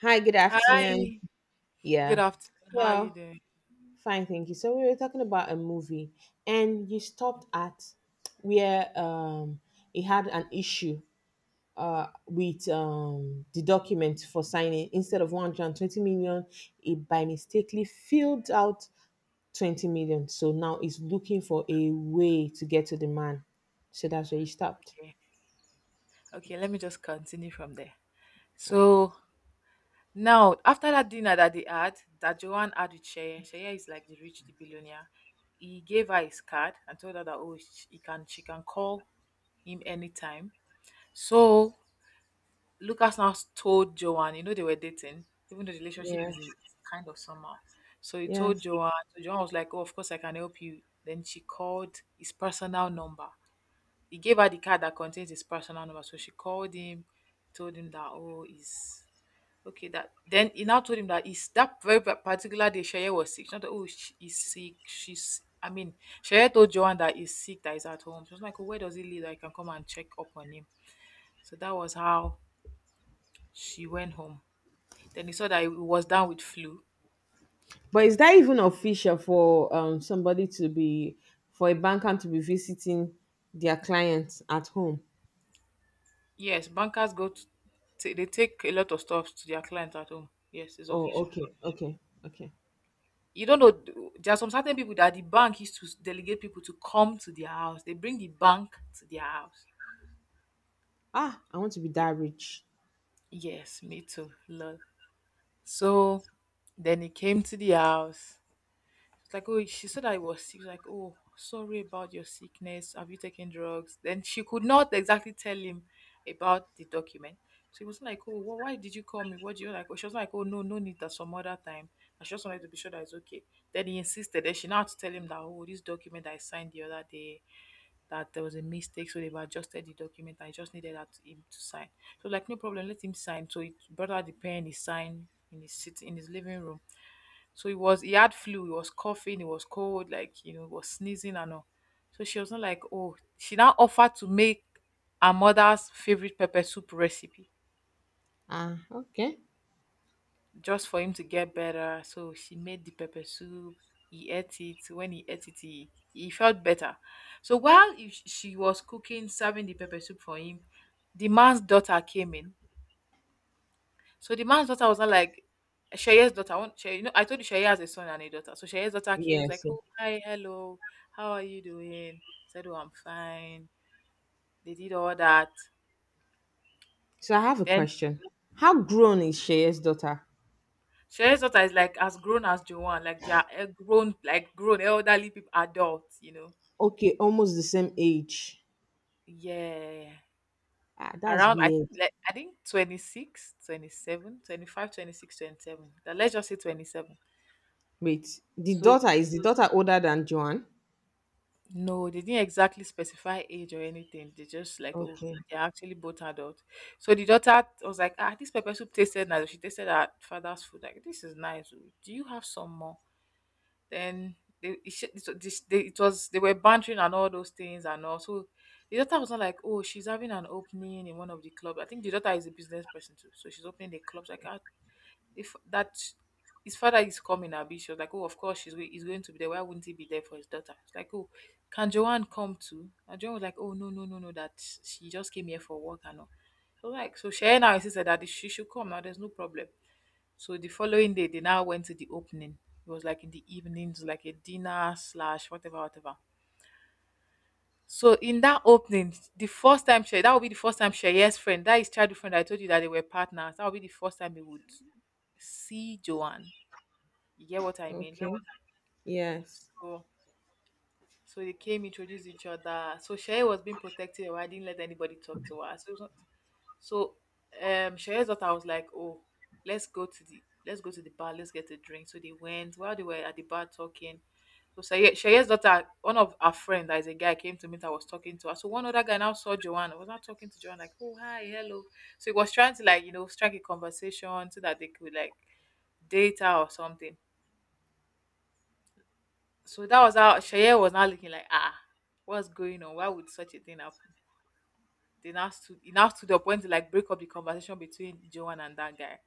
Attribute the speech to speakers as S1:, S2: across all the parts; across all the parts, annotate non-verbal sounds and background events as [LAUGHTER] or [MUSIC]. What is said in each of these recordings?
S1: Hi, good afternoon.
S2: Hi, good
S1: Yeah.
S2: afternoon. How are you
S1: So,
S2: doing?
S1: fine, thank you. So, we were talking about a movie and you stopped at where it had an issue with the document for signing instead of 120 million, it by mistakenly filled out 20 million. So now it's looking for a way to get to the man. So that's where he stopped.
S2: Okay, okay, let me just continue from there. So now, after that dinner that they had, that Joanne had with Sheye, Sheye is like the billionaire. He gave her his card and told her that oh, she can call him anytime. So Lucas now told Joanne, they were dating, even though the relationship
S1: Yeah.
S2: is is kind of somehow. So he
S1: Yeah.
S2: told Joanne, so Joanne was like, oh, of course I can help you. Then she called his personal number. He gave her the card that contains his personal number. So she called him, told him that oh, he's okay. That then he now told him that he's that very particular day Sheye was sick. She thought, oh, he's sick. She's I mean, Sheye told Joanne that he's sick, that he's at home. She was like, oh, where does he live? I can come and check up on him. So that was how she went home. Then he saw that he was down with flu.
S1: But is that even official for somebody to be for a banker to be visiting their clients at home?
S2: Yes, bankers they take a lot of stuff to their clients at home. Yes, it's
S1: Oh, yes.
S2: official.
S1: Okay, okay, okay.
S2: You don't know there are some certain people that the bank used to delegate people to come to their house. They bring the bank to their house.
S1: Ah, I want to be
S2: Y-
S1: that rich.
S2: yes, me too, lol. So then he came to the house. It's like, oh, she said I was sick. She's like, oh, sorry about your sickness. Have you taken drugs? Then she could not exactly tell him about the document. So he was like, oh, why did you call me? What do you like? She was like, oh, no, no need. That's some other time. I just wanted to be sure that it's okay. Then he insisted. Then she now had to tell him that, oh, this document I signed the other day, that there was a mistake, so they've adjusted the document. I just needed that him to sign. So like, no problem, let him sign. So he brought out the pen, he signed in his living room. So he had flu, he was coughing, he was cold, like, he was sneezing and all. So she was not like, oh, she now offered to make her mother's favorite pepper soup recipe
S1: Ah, okay.
S2: just for him to get better. So she made the pepper soup. He ate it. When he ate it, he felt better. So while she was cooking, serving the pepper soup for him, the man's daughter came in. So the man's daughter was not like Shaye's daughter. I want Shaye, you know, I told you Shaye has a son and a daughter. So Shaye's daughter came, was
S1: Yes.
S2: like,
S1: Yes.
S2: oh, hi, hello, how are you doing? Said, oh, I'm fine. They did all that.
S1: So I have a
S2: Then
S1: question. How grown is Sheya's daughter?
S2: Shaye's daughter is like as grown as Joanne, like they are grown, like grown elderly people, adults.
S1: Okay, almost the same age.
S2: Yeah.
S1: Ah, that's
S2: Around I
S1: weird.
S2: think I think 26, twenty then let's just say 27.
S1: Wait, the
S2: So
S1: daughter is the daughter older than Joanne?
S2: no, they didn't exactly specify age or anything. They just like, oh,
S1: Okay.
S2: they're actually both adult. So the daughter was like, ah, this pepper soup tasted nice. She tasted her father's food. Like, this is nice. Oh. Do you have some more? Then they, it, sh- it, this- they, it was they were bantering and all those things and all. So the daughter was not like, oh, she's having an opening in one of the clubs. I think the daughter is a business person too, so she's opening the clubs. Like, ah, if that his father is coming, I'll be sure. Like, oh, of course, he's going to be there. Why wouldn't he be there for his daughter? It's like, oh, can Joanne come too? And Joanne was like, oh, no, no, no, no, that she just came here for work and all. So, like, so Sharon now insisted that she should come now. There's no problem. So the following day, they now went to the opening. It was like in the evenings, like a dinner slash whatever, whatever. So in that opening, the first time Shay, that will be the first time Shay's friend, that is childhood friend, I told you that they were partners. That will be the first time he would see Joanne. You get what I mean?
S1: Okay. Yes.
S2: So so they came, introduced each other. So Shay was being protective. I didn't let anybody talk to her. So so Shay's daughter was like, oh, let's go to the bar, let's get a drink. So they went while they were at the bar talking. So Shaye's daughter, one of our friend that is a guy, came to meet her, was talking to her. So one other guy now saw Joanna, was not talking to Joanna, like, oh, hi, hello. So he was trying to, like, strike a conversation so that they could, like, date her or something. So that was how Shaye was now looking like, ah, what's going on? Why would such a thing happen? He now stood up when to like break up the conversation between Joan and that guy.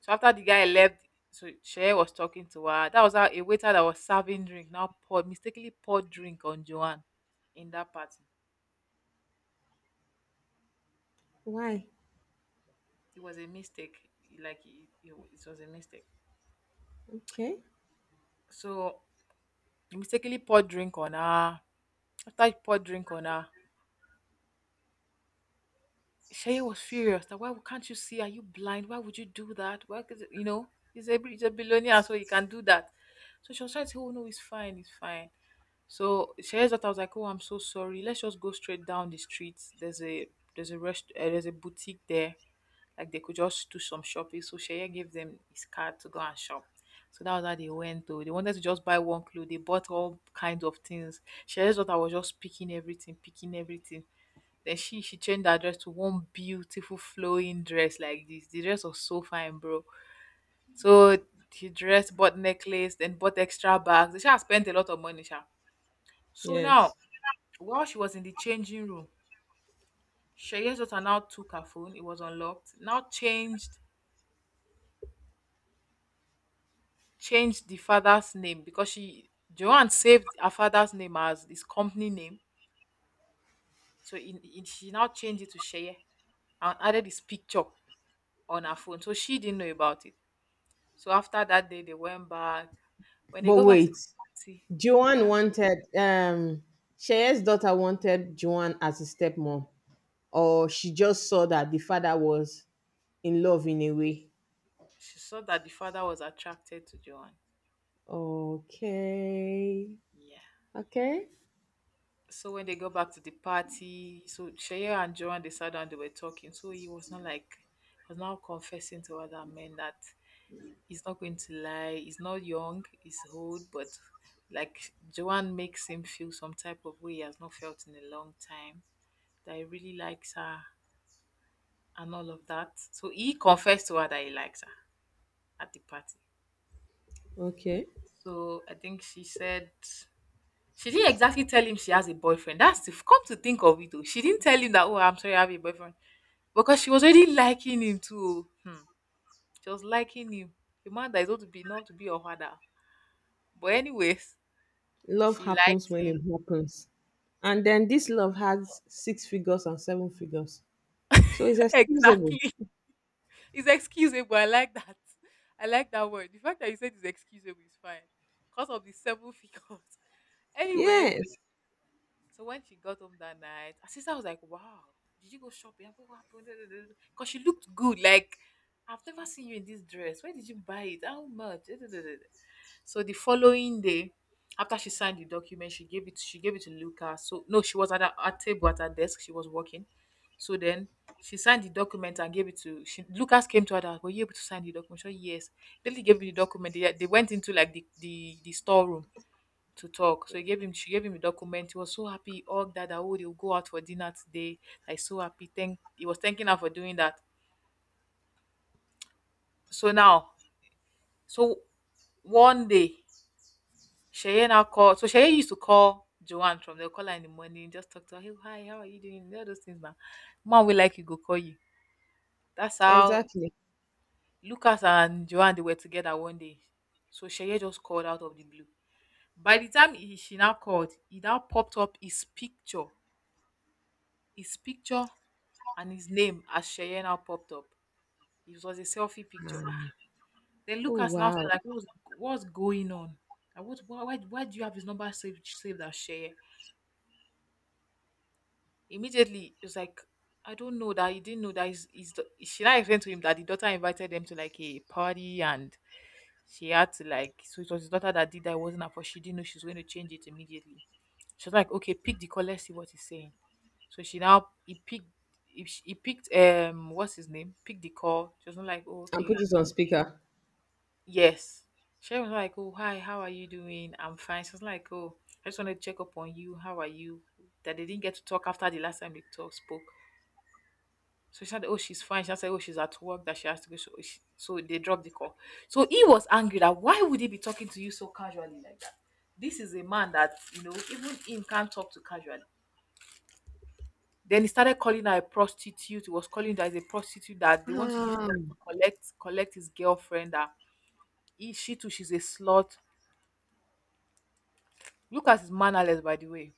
S2: So after the guy left, so Shaye was talking to her. That was how a waiter that was serving drink now poured mistakenly poured drink on Joan in that party.
S1: Why?
S2: It was a mistake. Like it was a mistake.
S1: Okay.
S2: So he mistakenly poured drink on her. After he poured drink on her, Shay was furious that why can't you see? Are you blind? Why would you do that? Why could you know he's a billionaire, so he can do that. So she was trying to say, oh no, it's fine, it's fine. So Shay's daughter was like, oh, I'm so sorry. Let's just go straight down the street. There's a boutique there. Like they could just do some shopping. So Shay gave them his card to go and shop. So that was how they went though. They wanted to just buy one clothes. They bought all kinds of things. Shay's daughter was just picking everything, picking everything. Then she changed her dress to one beautiful flowing dress like this. The dress was so fine, bro. So she dressed, bought necklace, then bought extra bags. She had spent a lot of money, sha. So
S1: Yes.
S2: now, while she was in the changing room, Sheye's daughter now took her phone. It was unlocked. Now changed the father's name because she Joanne saved her father's name as his company name. So she now changed it to Sheye and added his picture on her phone. So she didn't know about it. So after that day, they went back. When they
S1: But
S2: go back to
S1: wait.
S2: the party,
S1: Joanne
S2: yeah,
S1: wanted, um, Shey's daughter wanted Joanne as a stepmom, or she just saw that the father was in love in a
S2: she,
S1: way.
S2: she saw that the father was attracted to Joan.
S1: Okay.
S2: Yeah.
S1: Okay.
S2: So when they go back to the party, so Shea and Joan they sat down, they were talking. So he was not like was now confessing to other men that he's not going to lie, he's not young, he's old, but like Joan makes him feel some type of way he has not felt in a long time. That he really likes her and all of that. So he confessed to her that he likes her at the party.
S1: Okay.
S2: So I think she said she didn't exactly tell him she has a boyfriend. That's the come to think of it. Though. She didn't tell him that, oh, I'm sorry, I have a boyfriend. Because she was already liking him too. Hmm. She was liking him. A man that is going to be not to be your father. But anyways,
S1: Love
S2: she
S1: happens
S2: liked
S1: when
S2: him.
S1: it happens. And then this love has six figures and seven figures. So it's
S2: [LAUGHS]
S1: excusable.
S2: Exactly. It's excusable. I like that. I like that word. The fact that you said it's excusable is fine. Because of the seven figures. [LAUGHS] Anyways,
S1: Yes,
S2: so when she got home that night, her sister was like, wow, did you go shopping? I go, what happened? Because she looked good. Like, I've never seen you in this dress. Where did you buy it? How much? [LAUGHS] So the following day, after she signed the document, she gave it to Luca. So no, she was at her table at her desk. She was working. So then she signed the document and gave it to Lucas came to her that were you able to sign the document? She said, yes. Then he gave me the document. They went into like the storeroom to talk. So she gave him a document. He was so happy. He hugged her that oh, they'll go out for dinner today. Like so happy. Thank he was thanking her for doing that. So now, so one day, Cheyenne now called. So Cheyenne used to call Joanne from the caller in the morning, just talk to her. Hey, hi, how are you doing? All those things now. Mom will like you, go call you. That's how
S1: exactly.
S2: Lucas and Joanne they were together one day. So Cheyenne just called out of the blue. By the time she now called, he now popped up his picture. His picture and his name as Cheyenne now popped up. It was a selfie picture. Ah.
S1: Ah.
S2: Then
S1: Oh,
S2: Lucas now
S1: wow.
S2: said, like, what's going on? Like, what, why do you have his number saved as Cheyenne? Immediately, it was like, I don't know that he didn't know that she now explained to him that the daughter invited them to like a party and she had to like, so it was his daughter that did that. It wasn't her fault. She didn't know she was going to change it immediately. She was like, okay, pick the call. Let's see what he's saying. So he picked, he picked, what's his name? Picked the call. She was not like, oh,
S1: And put
S2: okay.
S1: it on speaker.
S2: Yes. She was like, oh, hi, how are you doing? I'm fine. She was like, oh, I just wanted to check up on you. How are you? That they didn't get to talk after the last time they talk spoke. So she said, oh, she's fine. She said, oh, she's at work, that she has to go. So, so they dropped the call. So he was angry that why would he be talking to you so casually like that? This is a man that, you know, even him can't talk to casually. Then he started calling her a prostitute. He was calling her as a prostitute, that they want to use
S1: Ah.
S2: money to collect his girlfriend. That she too, she's a slut. Lucas is mannerless, by the way.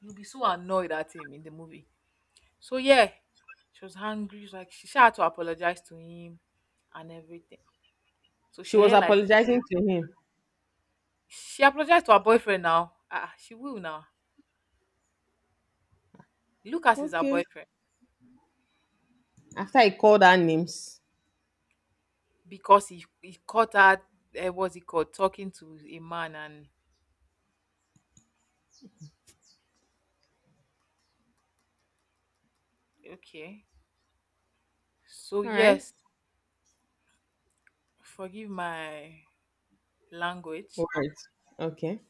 S2: You'll be so annoyed at him in the movie. So yeah, she was angry. She sha had to apologize to him and everything. So
S1: She was
S2: Sheye likes her.
S1: apologizing to him.
S2: She apologized to her boyfriend now. Ah, she will now. Lucas is her
S1: Okay.
S2: boyfriend
S1: After I called her names.
S2: because he caught her. What's he called? Talking to a man and okay. So
S1: All right.
S2: yes, forgive my language.
S1: Words. Okay.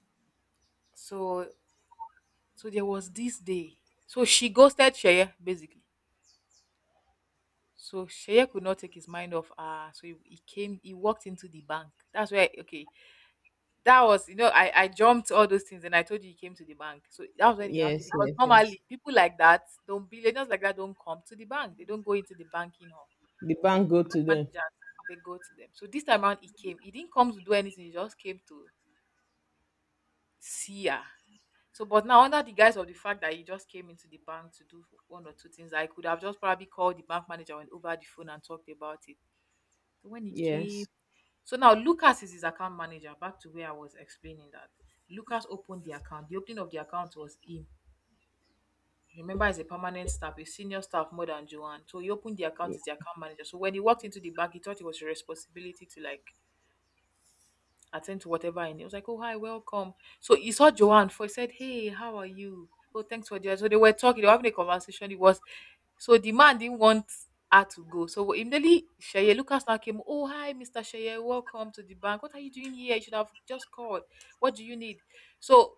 S2: So there was this day. So she ghosted Sheye basically. So Sheye could not take his mind off her. So he came, he walked into the bank. That's where, okay, that was, you know, I jumped all those things and I told you he came to the bank. So that was when he now came,
S1: Yes,
S2: because
S1: yes, yes.
S2: normally people like that don't, billionaires like that don't come to the bank. They don't go into the banking hall.
S1: The bank go to
S2: Bank
S1: them.
S2: Managers, they go to them. So this time around he came. He didn't come to do anything. He just came to see her. So, but now under the guise of the fact that he just came into the bank to do one or two things, I could have just probably called the bank manager and over the phone and talked about it. So when he
S1: Yes.
S2: came, so now Lucas is his account manager. Back to where I was explaining that Lucas opened the account. The opening of the account was him. Remember, he's a permanent staff, a senior staff more than Joanne. So he opened the account as the account manager. So when he walked into the bank, he thought it was his responsibility to like attend to whatever, and he was like, oh hi, welcome. So he saw Joanne for he said, hey, how are you? Oh, thanks for the so they were talking, they were having a conversation. It was so the man didn't want her to go. So immediately Sheye Lucas now came, oh hi, Mr. Sheye, welcome to the bank. What are you doing here? You should have just called. What do you need? So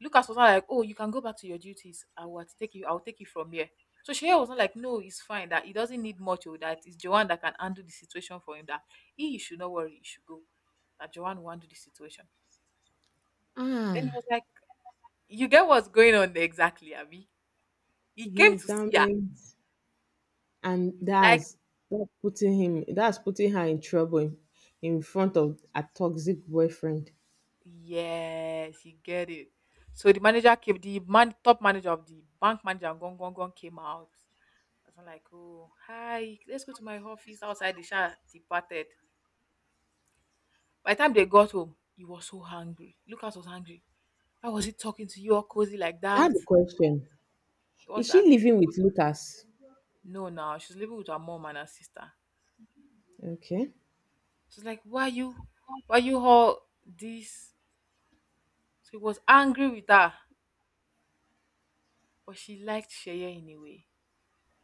S2: Lucas was not like, oh, you can go back to your duties. I'll take you from here. So Sheye was not like, no, it's fine, that he doesn't need much, or that it's Joanne that can handle the situation for him, that he should not worry, he should go. That Joanne will handle the situation. Then he was
S1: Ah,
S2: like, you get what's going on there exactly, Abby. He came
S1: yes,
S2: to
S1: that
S2: see her.
S1: means and
S2: Like
S1: that's putting him that's putting her in trouble in front of a toxic boyfriend.
S2: Yes, you get it. So the manager came, the man, top manager of the bank manager, came out. I was like, oh, hi, let's go to my office outside. The shower departed. By the time they got home, he was so hungry. Lucas was hungry. Why was he talking to you all cozy like
S1: I
S2: that?
S1: have a question. Is
S2: What's
S1: she
S2: that?
S1: living with Lucas?
S2: No, now she's living with her mom and her sister.
S1: Okay.
S2: She's like, why you all this? So he was angry with her, but she liked Sheye anyway.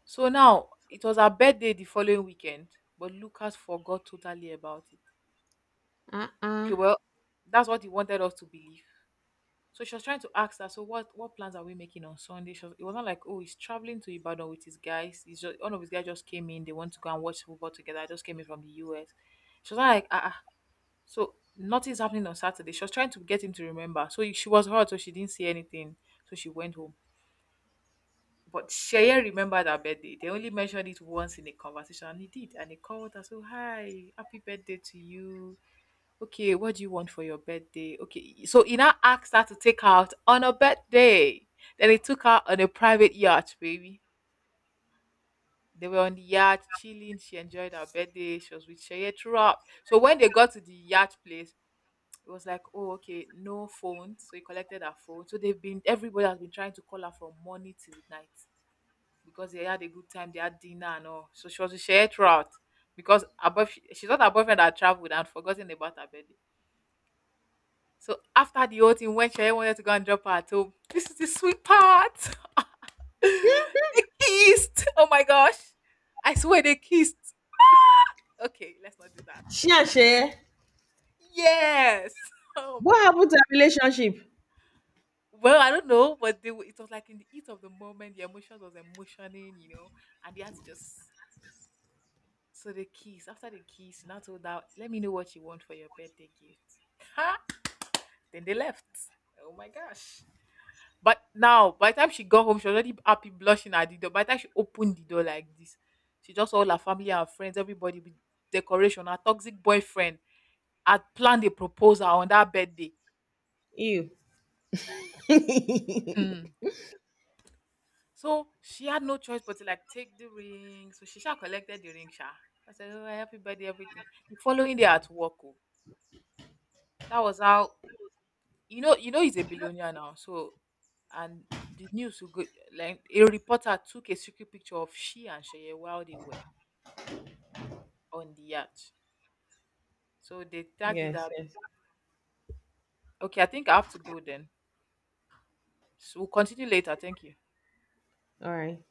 S2: So now it was her birthday the following weekend, but Lucas forgot totally about it.
S1: Uh-uh.
S2: Okay, well, that's what he wanted us to believe. So she was trying to ask her, so what plans are we making on Sunday? It was not like, oh, he's traveling to Ibadan with his guys. He's just one of his guys just came in. They want to go and watch football together. I just came in from the US. She was like, ah, ah. So nothing's happening on Saturday. She was trying to get him to remember. So she was hurt, so she didn't see anything. So she went home. But Sheye remembered her birthday. They only mentioned it once in a conversation, and he did. And he called her, so, hi, happy birthday to you. Okay, what do you want for your birthday? Okay, so he now asked her to take her out on her birthday. Then he took her on a private yacht, baby. They were on the yacht chilling. She enjoyed her birthday. She was with Sheye throughout. So when they got to the yacht place, it was like, oh, okay, no phone. So he collected her phone. Everybody has been trying to call her from morning till night because they had a good time. They had dinner and all. So she was with Sheye throughout, because she thought her boyfriend had traveled and forgotten about her birthday. So after the whole thing, when Sheye wanted to go and drop her at home, [LAUGHS] this is the sweet part. [LAUGHS] They kissed. Oh my gosh. I swear they kissed. Okay, let's not do that. Let's
S1: She and
S2: calm
S1: Shay.
S2: down. Yes. [LAUGHS] Oh
S1: What
S2: my
S1: happened to
S2: god.
S1: her relationship?
S2: Well, I don't know, but they were, it was like in the heat of the moment, the emotions was emotioning, you know, and they had to just So they kiss. After the kiss, you Sina told her, let me know what you want for your birthday gift. Ha! Then they left. Oh my gosh. But now, by the time she got home, she was already happy, blushing at the door. By the time she opened the door like this, she just all her family and friends, everybody with decoration. Her toxic boyfriend had planned a proposal on that birthday.
S1: You.
S2: Hmm. So she had no choice but to like take the ring. So she sha collected the ring, sha. I said, oh, happy birthday, everything. The following day at work, oh, that was how, you know, he's a billionaire now, so and the news will go, like a reporter took a secret picture of she and Sheye while they were on the yacht, so they tagged it
S1: Yes,
S2: up.
S1: yes.
S2: Okay, I think I have to go then, so we'll continue later. Thank you.
S1: All right.